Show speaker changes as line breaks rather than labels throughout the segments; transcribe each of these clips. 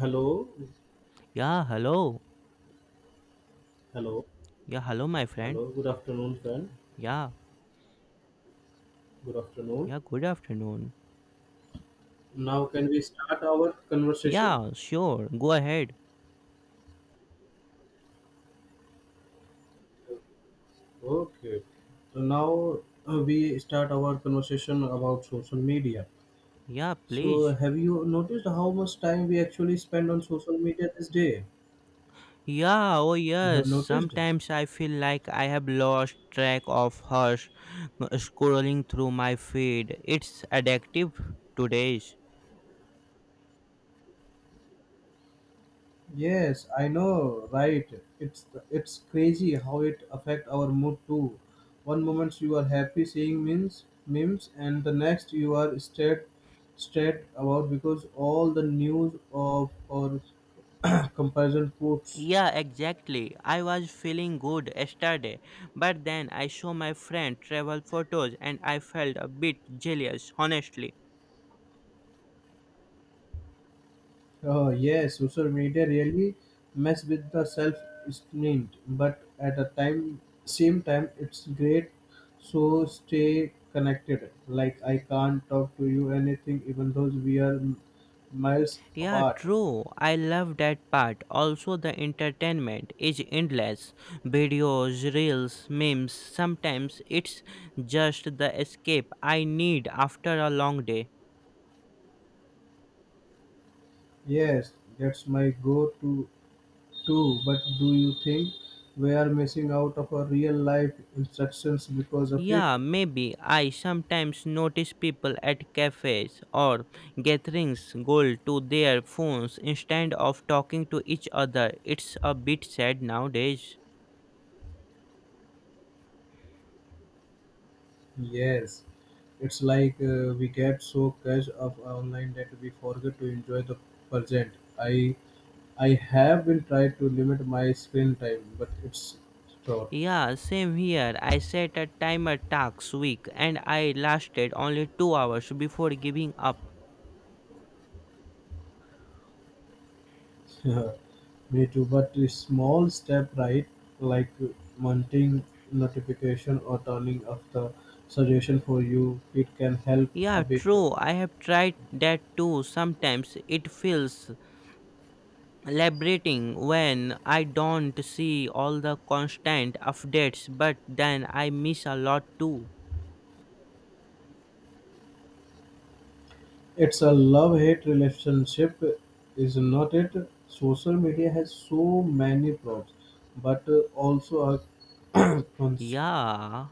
Hello,
Yeah, hello.
hello,
Yeah, hello, my friend.
hello. Good afternoon, friend.
Yeah,
Good afternoon.
yeah, good afternoon.
Now, can we start our conversation?
Yeah, sure, go ahead.
Okay. So now we start our conversation about social media.
Yeah,
So,
please.
have you noticed how much time we actually spend on social media this day?
Yeah, oh
You have
yes,
noticed?
sometimes I feel like I have lost track of her scrolling through my feed. It's addictive today's.
Yes, I know, right? It's crazy how it affect our mood too. One moment you are happy seeing memes, and the next you are straight about because all the news of or comparison quotes.
Yeah, exactly. I was feeling good yesterday, but then I saw my friend travel photos and I felt a bit jealous, honestly.
Oh yes, social media really mess with the self esteem, but at the time same time it's great. So stay connected. Like I can't talk to you anything even though we are miles
Yeah,
apart.
true. I love that part. Also, the entertainment is endless. Videos, reels, memes. Sometimes it's just the escape I need after a long day.
Yes, that's my go to too. But do you think we are missing out of our real life instructions because of it?
Yeah, maybe I sometimes notice people at cafes or gatherings go to their phones instead of talking to each other. It's a bit sad nowadays.
Yes, it's like we get so catch up online that we forget to enjoy the present. I I have been trying to limit my screen time, but it's short.
Yeah, same here. I set a timer task week and I lasted only 2 hours before giving up.
Me too. But a small step right, like mounting notification or turning off the suggestion for you, it can help a
Yeah,
bit.
true. I have tried that too. Sometimes it feels liberating when I don't see all the constant updates, but then I miss a lot too.
It's a love-hate relationship, isn't it? Social media has so many pros, but also a cons-
Yeah.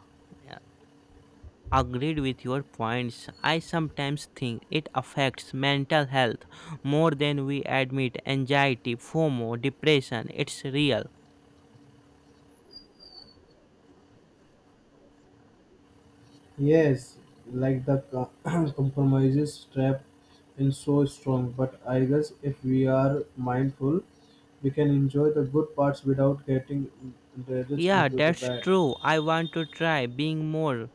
Agreed with your points. I sometimes think it affects mental health more than we admit. Anxiety, FOMO, depression, it's real.
yes, like the compromises trap in so strong. But I guess if we are mindful, we can enjoy the good parts without getting encouraged
Yeah,
into the
that's
bad.
true. I want to try being more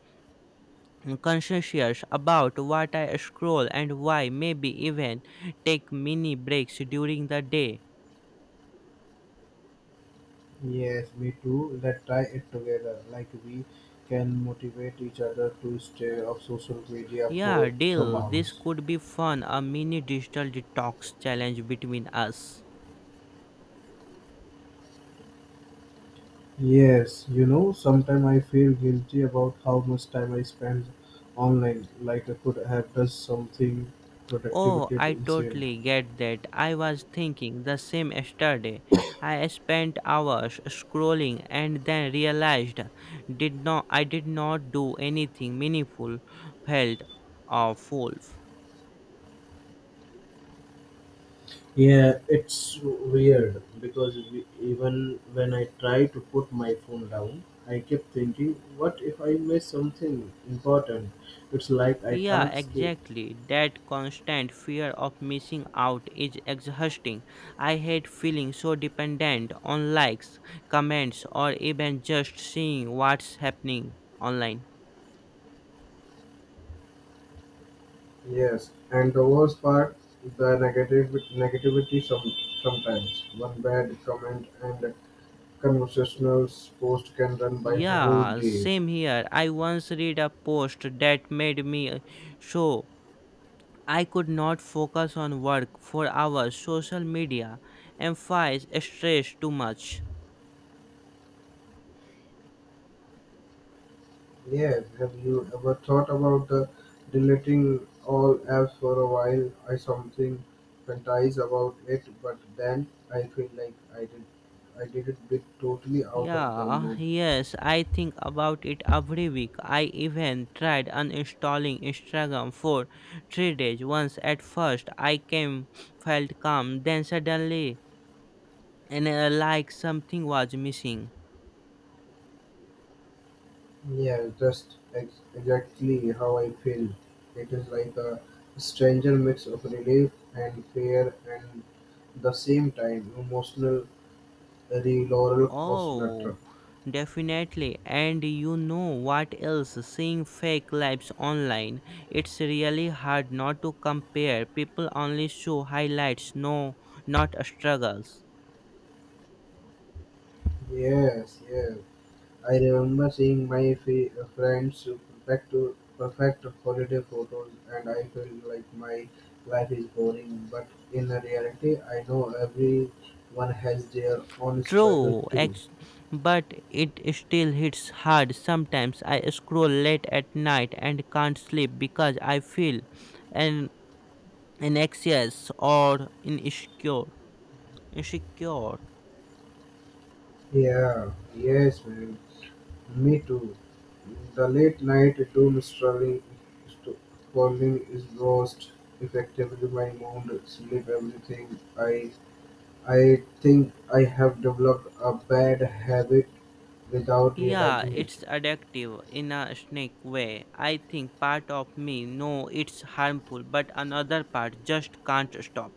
conscientious about what I scroll and why, maybe even take mini breaks during the day.
Yes, me too. Let's try it together. Like we can motivate each other to stay off social media
Yeah,
for some
deal. This
hours.
could be fun a mini digital detox challenge between us.
Yes, sometimes I feel guilty about how much time I spend online. Like I could have done something
Oh,
productivity
I
instead.
totally get that. I was thinking the same yesterday. I spent hours scrolling and then realized did not do anything meaningful, felt awful.
Yeah, it's weird because even when I try to put my phone down, I keep thinking, what if I miss something important? It's like I
Yeah,
can't escape.
exactly. That constant fear of missing out is exhausting. I hate feeling so dependent on likes, comments, or even just seeing what's happening online.
Yes, and the worst part, the negative negativity sometimes. One bad comment and conversational post can run by whole
Yeah,
day.
same here. I once read a post that made me so I could not focus on work for hours. Social media amplifies stress too much.
Yes, have you ever thought about the deleting all apps for a while? I something fantasize about it, but then I feel like I did it bit totally out of the
Yeah,
loop.
yes, I think about it every week. I even tried uninstalling Instagram for 3 days. Once at first, I came felt calm, then suddenly, and like something was missing.
Yeah, just exactly how I feel. It is like a stranger mix of relief and fear and the same time emotional re roller coaster.
Oh, definitely. And you know what else? Seeing fake lives online, it's really hard not to compare. People only show highlights, no, not struggles.
Yes, yes. I remember seeing my friends perfect perfect holiday photos, and I feel like my life is boring. But in reality, I know everyone has their own struggle
True,
too.
but it still hits hard. Sometimes I scroll late at night and can't sleep because I feel an, an anxious or insecure. Insecure.
Yeah, yes, man. Me too. The late night doom st- scrolling is lost effectively my mood, sleep, everything. I think I have developed a bad habit without
Yeah,
realizing it.
it's addictive in a snake way. I think part of me know it's harmful, but another part just can't stop.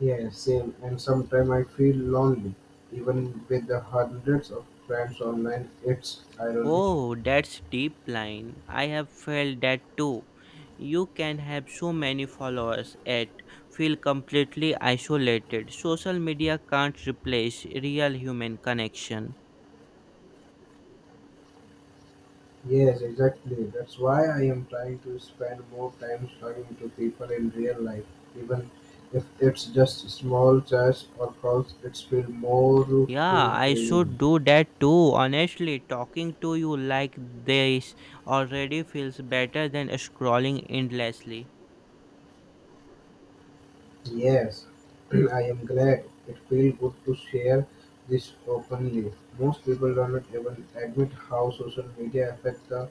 Yeah, same. And sometimes I feel lonely, even with the hundreds of friends online. It's ironic.
Oh, that's deep line. I have felt that too. You can have so many followers yet feel completely isolated. Social media can't replace real human connection.
Yes, exactly. That's why I am trying to spend more time talking to people in real life, even if it's just small chats or calls. It's feel more
Yeah, I should
fulfilling.
do that too. Honestly, talking to you like this already feels better than scrolling endlessly.
Yes, I am glad. It feels good to share this openly. Most people don't even admit how social media affects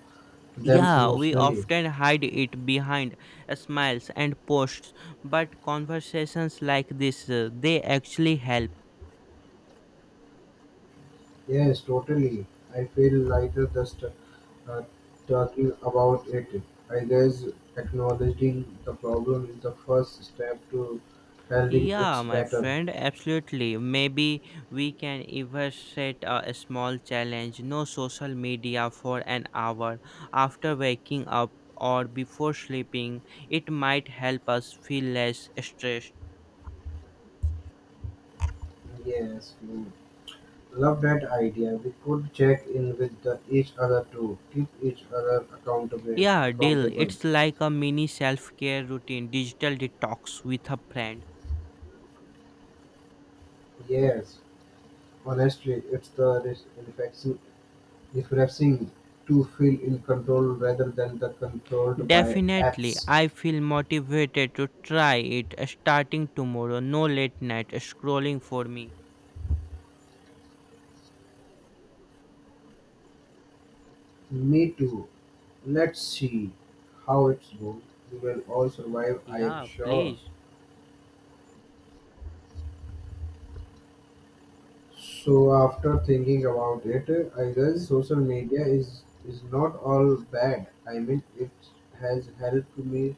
them
Yeah, we
emotionally.
often hide it behind smiles and posts, but conversations like this, they actually help.
Yes, totally. I feel lighter just talking about it. I guess acknowledging the problem is the first step to handling
Yeah,
its
my
better.
friend, absolutely. Maybe we can even set a small challenge no social media for an hour after waking up or before sleeping. It might help us feel less stressed.
Yes, you love that idea. We could check in with each other to keep each other accountable.
Yeah, deal.
Accountable.
It's like a mini self care routine, digital detox with a friend.
Yes, honestly, it's the refreshing to feel in control rather than the controlled by
Definitely,
apps.
I feel motivated to try it starting tomorrow. No late night scrolling for me.
Me too. Let's see how it's goes. We will all survive, I am
Yeah,
sure.
please.
So after thinking about it, I guess social media is not all bad. I mean, it has helped me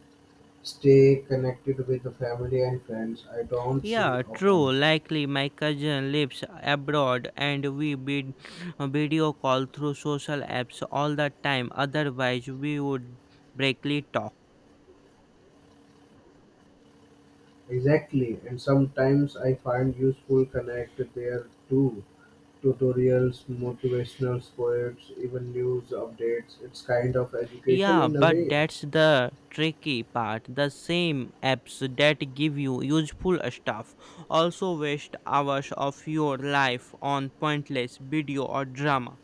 stay connected with the family and friends I don't see
Yeah,
often.
true. Likely my cousin lives abroad and we video call through social apps all the time. Otherwise, we would breakly talk.
Exactly, and sometimes I find useful connect there too. Tutorials, motivational quotes, even news updates. It's kind of education
Yeah,
in a
but
way.
that's the tricky part. The same apps that give you useful stuff also waste hours of your life on pointless video or drama.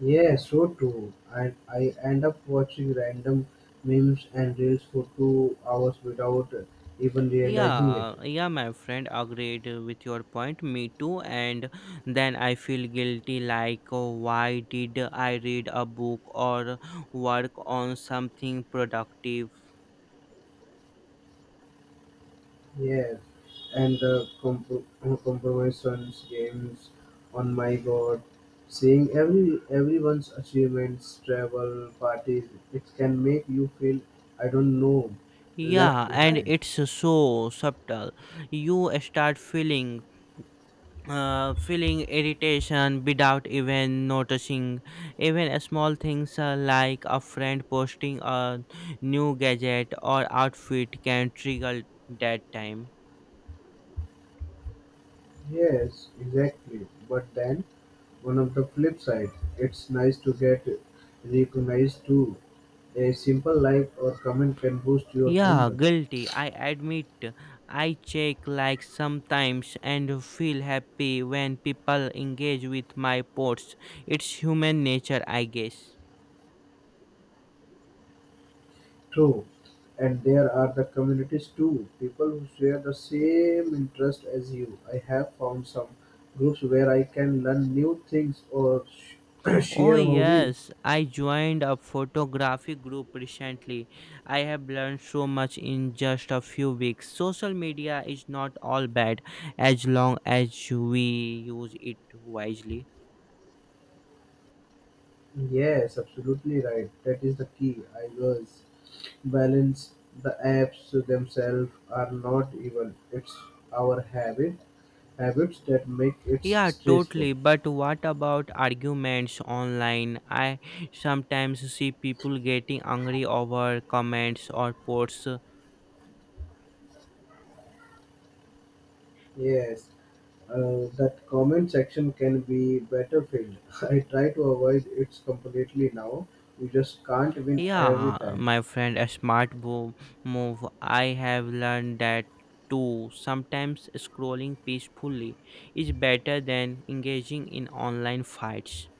Yeah, so true. And I end up watching random memes and reels for 2 hours without even realizing it.
Yeah, my friend agreed with your point. Me too. And then I feel guilty like, oh, why did I read a book or work on something productive?
Yes, and the compromises games. On my god, seeing everyone's achievements, travel, parties, it can make you feel I don't know, left
Yeah, and
behind.
it's so subtle. You start feeling irritation without even noticing even small things like a friend posting a new gadget or outfit can trigger that time.
Yes, exactly. But then one of the flip side, it's nice to get recognized too. A simple like or comment can boost your
Yeah,
bond.
guilty. I admit. I check like sometimes and feel happy when people engage with my posts. It's human nature, I guess.
True. And there are the communities too. People who share the same interest as you. I have found some groups where I can learn new things or
Oh,
share hobbies.
yes. I joined a photography group recently. I have learned so much in just a few weeks. Social media is not all bad as long as we use it wisely.
Yes, absolutely right. That is the key. I was balance the apps themselves are not even. It's our habits that make it
Yeah,
stressful.
totally. But what about arguments online? I sometimes see people getting angry over comments or posts.
Yes, that comment section can be battlefield. I try to avoid it completely now. You just can't win every
Yeah,
time.
my friend, a smart move. I have learned that too. Sometimes scrolling peacefully is better than engaging in online fights.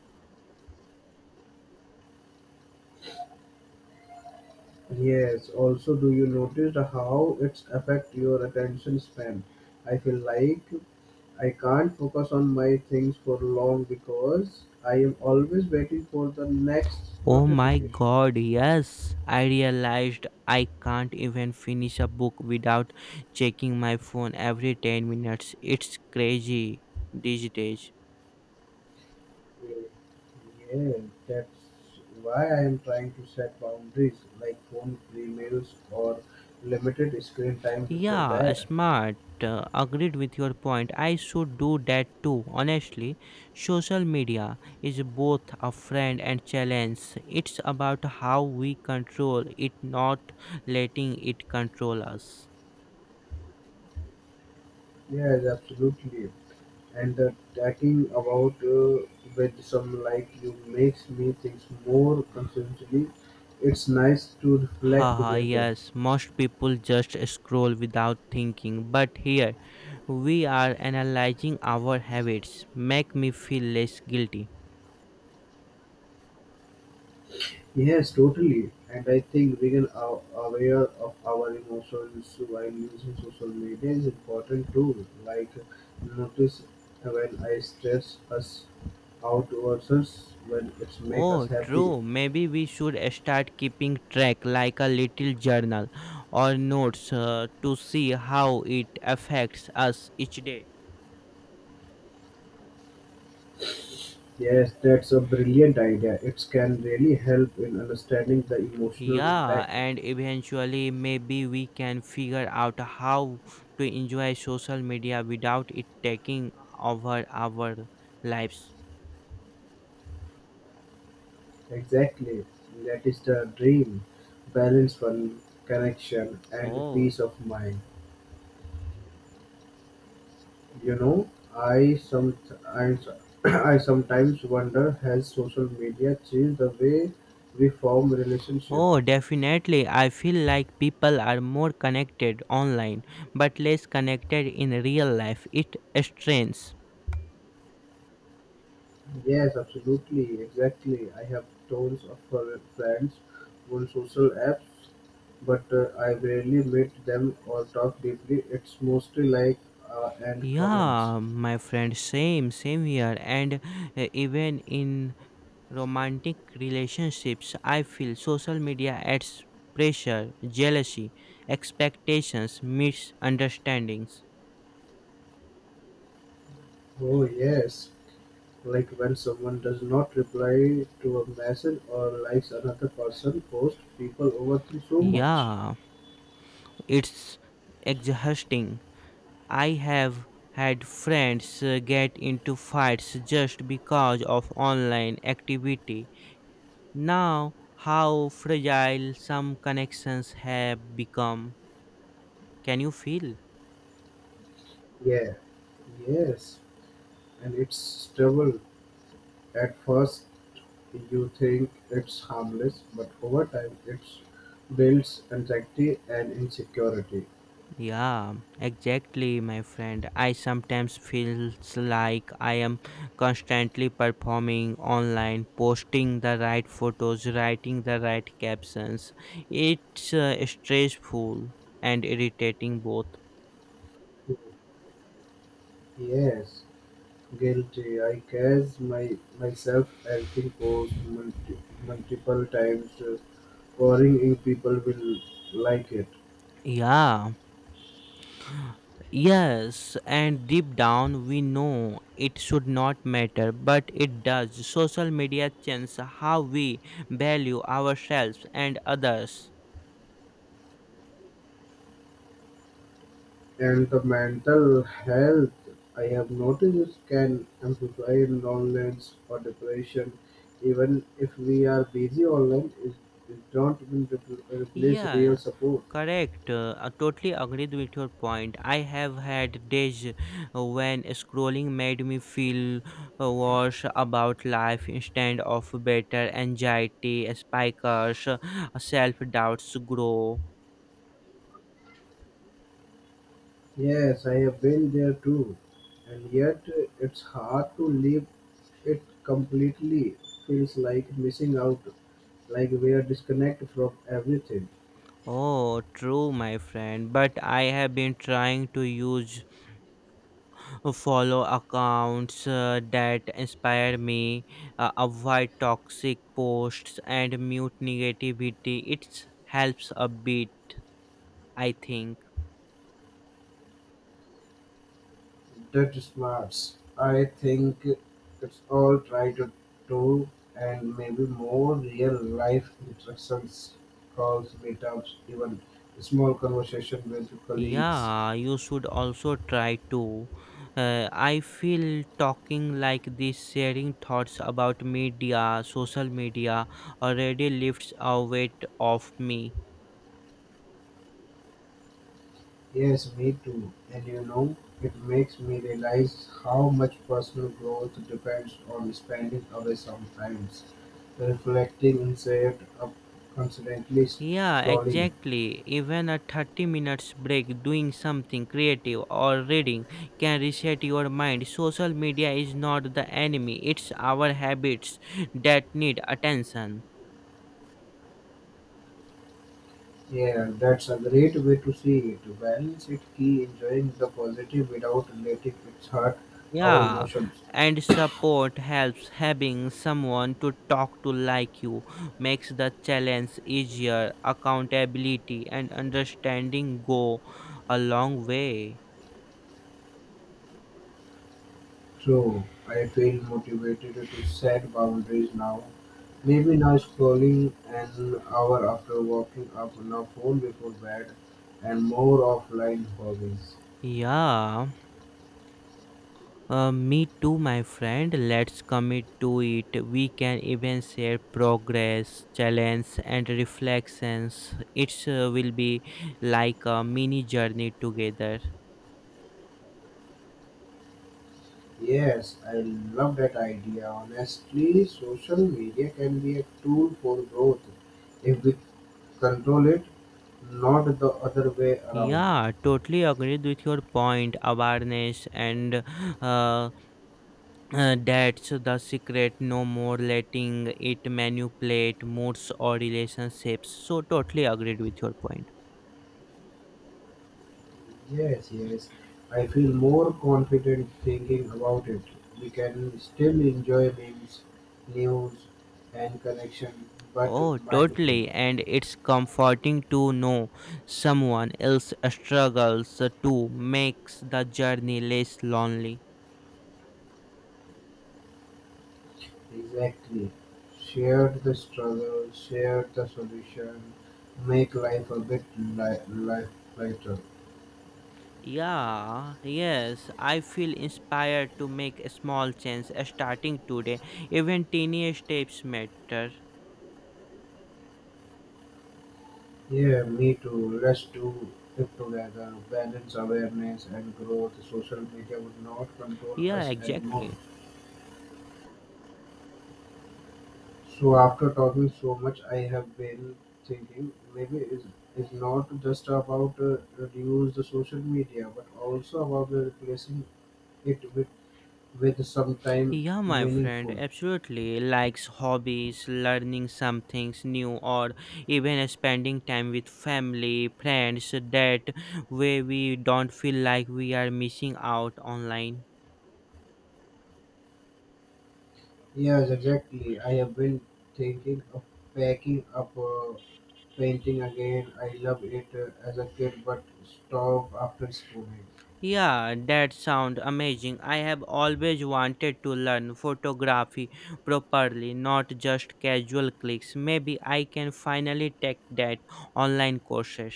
Yes. Also, do you notice how it's affect your attention span? I feel like I can't focus on my things for long because I am always waiting for the next
Oh my
notification.
god, yes. I realized I can't even finish a book without checking my phone every 10 minutes. It's crazy these days.
Yeah, that's why I am trying to set boundaries, like phone free meals or limited screen time before
Yeah,
bed.
smart. Agreed with your point. I should do that too. Honestly, social media is both a friend and challenge. It's about how we control it, not letting it control us.
Yes, absolutely. And the chatting about with some like you makes me think more consciously. It's nice to reflect
Haha,
together.
yes, most people just scroll without thinking, but here we are analyzing our habits. Make me feel less guilty.
Yes, totally. And I think being aware of our emotions while using social media is important too. Like notice when I stress us out versus when it's make us
Oh,
happy.
true. Maybe we should start keeping track like a little journal or notes to see how it affects us each day.
Yes, that's a brilliant idea. It can really help in understanding the emotional
Yeah,
impact.
and eventually maybe we can figure out how to enjoy social media without it taking over our lives.
Exactly. That is the dream. Balance, fun, connection, and
Oh,
peace of mind. You know, I some I, I sometimes wonder has social media changed the way we form relationship?
Oh, definitely. I feel like people are more connected online, but less connected in real life. It strains.
Yes, absolutely, exactly. I have tons of friends on social apps, but I rarely meet them or talk deeply. It's mostly like and comments.
Yeah, my friend, same here. And even in romantic relationships, I feel social media adds pressure, jealousy, expectations, misunderstandings.
Oh yes, like when someone does not reply to a message or likes another person post, people overthink so much.
Yeah, it's exhausting. I have had friends get into fights just because of online activity. Now, how fragile some connections have become. Can you feel?
Yeah. Yes, and it's trouble. At first you think it's harmless, but over time it builds anxiety and insecurity.
Yeah, exactly, my friend. I sometimes feels like I am constantly performing online, posting the right photos, writing the right captions. It's stressful and irritating both.
Yes, guilty. I catch my myself editing posts multiple times, worrying if people will like it.
Yeah. Yes, and deep down we know it should not matter, but it does. Social media changes how we value ourselves and others.
And the mental health I have noticed can amplify loneliness or depression, even if we are busy online. It don't even replace real
Yeah,
support.
correct. I totally agreed with your point. I have had days when scrolling made me feel worse about life instead of better. Anxiety spikes, self doubts grow.
Yes, I have been there too, and yet it's hard to leave it completely. Feels like missing out, like we are disconnected from everything.
Oh, true, my friend. But I have been trying to use follow accounts that inspire me, avoid toxic posts, and mute negativity. It helps a bit, I think.
That is Mars. I think it's all try to do and maybe more real life interactions, calls, meetups, even small conversation with colleagues.
Yeah, you should also try to. I feel talking like this, sharing thoughts about media, social media, already lifts a weight off me.
Yes, me too. And it makes me realize how much personal growth depends on spending away sometimes, reflecting instead of constantly
Yeah,
scrolling.
exactly. Even a 30 minutes break doing something creative or reading can reset your mind. Social media is not the enemy, it's our habits that need attention.
Yeah, that's a great way to see it. Balance it key enjoying the positive without letting it hurt our
Yeah,
emotions.
and support helps having someone to talk to like you makes the challenge easier. Accountability and understanding go a long way.
True, I feel motivated to set boundaries now. Maybe now scrolling an hour after walking up on a phone before bed and more offline hobbies.
Yeah. Me too, my friend. Let's commit to it. We can even share progress, challenge, and reflections. It will be like a mini journey together.
Yes, I love that idea. Honestly, social media can be a tool for growth if we control it, not the other way around.
Yeah, totally agreed with your point. Awareness and uh, that's the secret. No more letting it manipulate moods or relationships. So, totally agreed with your point.
Yes, yes. I feel more confident thinking about it. We can still enjoy memes, news, and connection, but
Oh,
mindful.
totally. And it's comforting to know someone else struggles to makes the journey less lonely.
Exactly. Share the struggle, share the solution, make life a bit life lighter.
Yeah, yes, I feel inspired to make a small change starting today. Even tiny steps matter.
Yeah, me too. Let's do it together. Balance awareness and growth. Social media would not control
Yeah,
us anymore.
exactly.
So after talking so much, I have been thinking maybe it's not just about reduce the social media, but also about the replacing it with sometime
Yeah, my friend,
meaningful.
absolutely. Likes hobbies, learning some things new, or even spending time with family, friends, that way we don't feel like we are missing out online.
Yes, exactly. I have been thinking of packing up painting again. I love it as a kid, but stop after schooling.
Yeah, that sound amazing. I have always wanted to learn photography properly, not just casual clicks. Maybe I can finally take that online courses.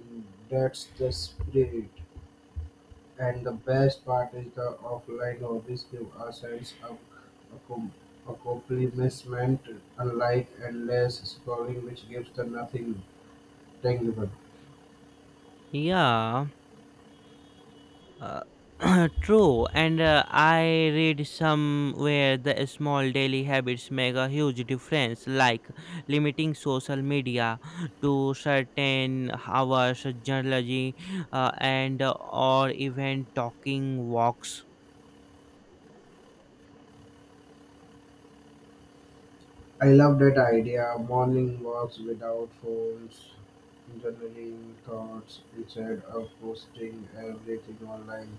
Mm. That's the spirit. And the best part is the offline hobbies give a sense of accom- accomplishment, unlike endless scrolling, which gives the nothing tangible.
Yeah. Uh, true, and I read somewhere the small daily habits make a huge difference, like limiting social media to certain hours, journaling, and or even talking walks.
I love that idea. Morning walks without phones, journaling thoughts instead of posting everything online.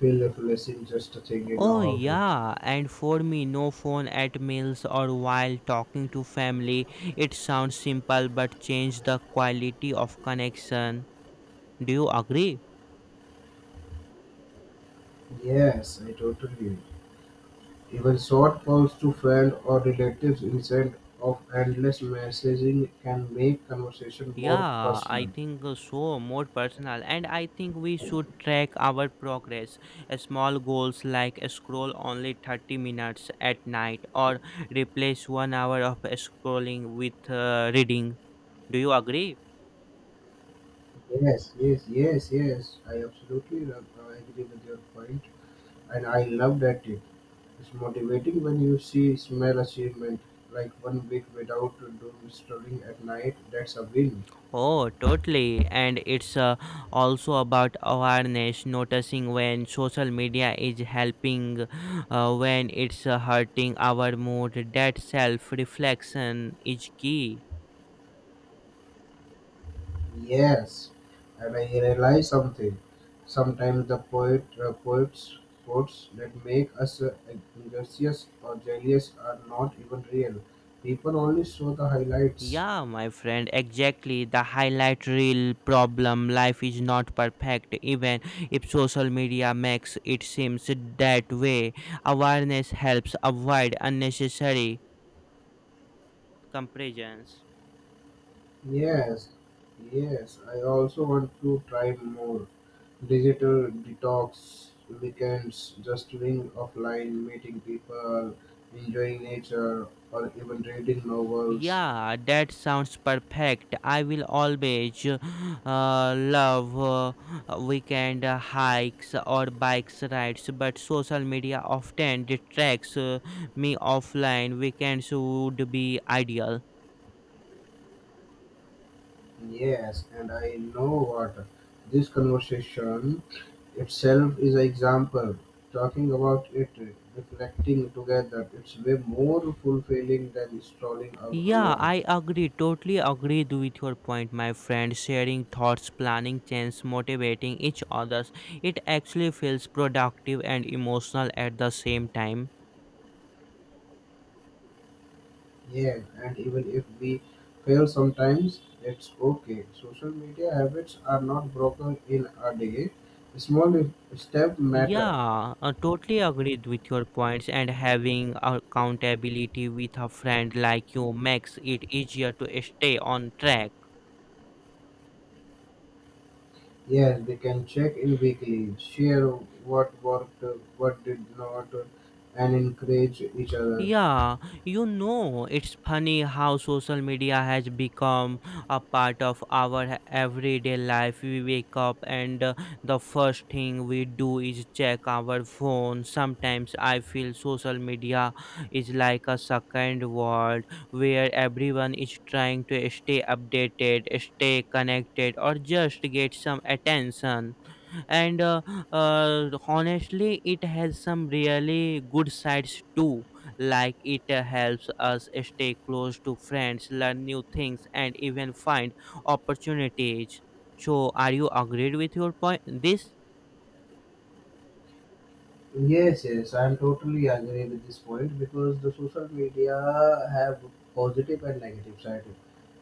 Feel refreshing just thinking
Oh
about it.
yeah, and for me, no phone at meals or while talking to family. It sounds simple, but change the quality of connection. Do you agree?
Yes, I totally. Even short calls to friends or relatives instead of endless messaging can make conversation more
Yeah, I
personal.
think so, more personal. And I think we should track our progress. Small goals like scroll only 30 minutes at night or replace 1 hour of scrolling with reading. Do you agree?
Yes, yes, yes, yes. I absolutely love, I agree with your point, and I love that tip. It's motivating when you see small achievement like one week without doom scrolling at night. That's a win.
Oh, totally. And it's also about awareness, noticing when social media is helping, when it's hurting our mood. That self reflection is key.
Yes, and I realize something. Sometimes the poets, quotes that make us anxious or jealous are not even real. People only show the highlights.
Yeah, my friend, exactly. The highlight reel problem. Life is not perfect, even if social media makes it seems that way. Awareness helps avoid unnecessary comparisons.
Yes, yes. I also want to try more digital detox weekends, just doing offline, meeting people, enjoying nature, or even reading novels.
Yeah, that sounds perfect. I will always love weekend hikes or bikes rides, but social media often distracts me offline. Weekends would be ideal.
Yes, and I know what this conversation itself is an example. Talking about it, reflecting together, it's way more fulfilling than strolling
Yeah,
alone.
I agree. Totally agreed with your point, my friend. Sharing thoughts, planning change, motivating each others. It actually feels productive and emotional at the same time.
Yeah, and even if we fail sometimes, it's okay. Social media habits are not broken in a day. Small step matter.
Yeah, I totally agreed with your points. And having accountability with a friend like you makes it easier to stay on track.
Yes, we can check in weekly, share what worked, what did not, and encourage each other.
Yeah, you know, it's funny how social media has become a part of our everyday life. We wake up and the first thing we do is check our phone. Sometimes I feel social media is like a second world where everyone is trying to stay updated, stay connected, or just get some attention and honestly it has some really good sides too, like it helps us stay close to friends, learn new things, and even find opportunities. So are you agreed with your point this?
Yes, yes, I am totally agree with this point because the social media have positive and negative side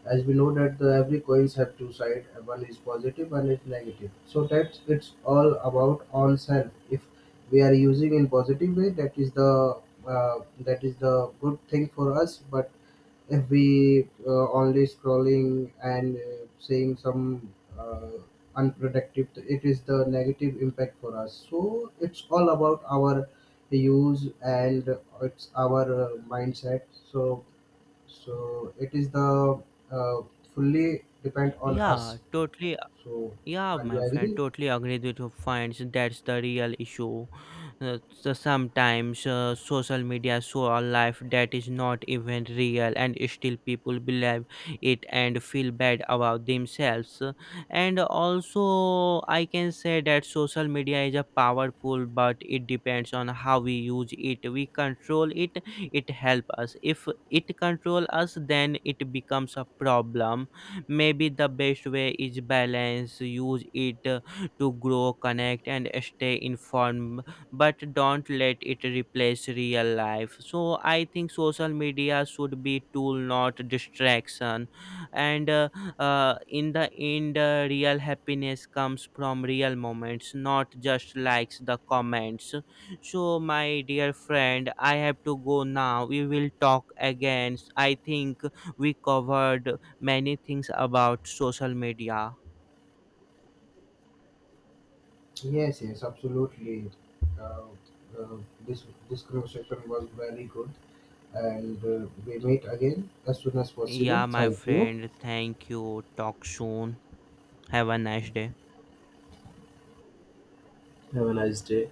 as we know that every coins have two sides, one is positive, one is negative, so that's it's all about on self. If we are using in positive way, that is the good thing for us, but if we only scrolling and saying some uh, unproductive, it is the negative impact for us. So it's all about our use, and it's our mindset. So so it is the uh, fully depend on
Yeah,
us.
totally.
So
Yeah,
are
my
you
friend,
agree?
totally agreed with your points. That's the real issue. So sometimes social media show a life that is not even real, and still people believe it and feel bad about themselves. And also, I can say that social media is a powerful, but it depends on how we use it. We control it; it help us. If it control us, then it becomes a problem. Maybe the best way is balance, use it to grow, connect, and stay informed, but don't let it replace real life. So I think social media should be tool not distraction. And in the end, real happiness comes from real moments, not just likes the comments. So my dear friend, I have to go now. We will talk again. I think we covered many things about social media.
Yes, yes, absolutely. Uh, uh, this this conversation was very good, and we meet again as soon as possible.
Yeah, my
Thank you.
friend, thank you. Talk soon. Have a nice day.
Have a nice day.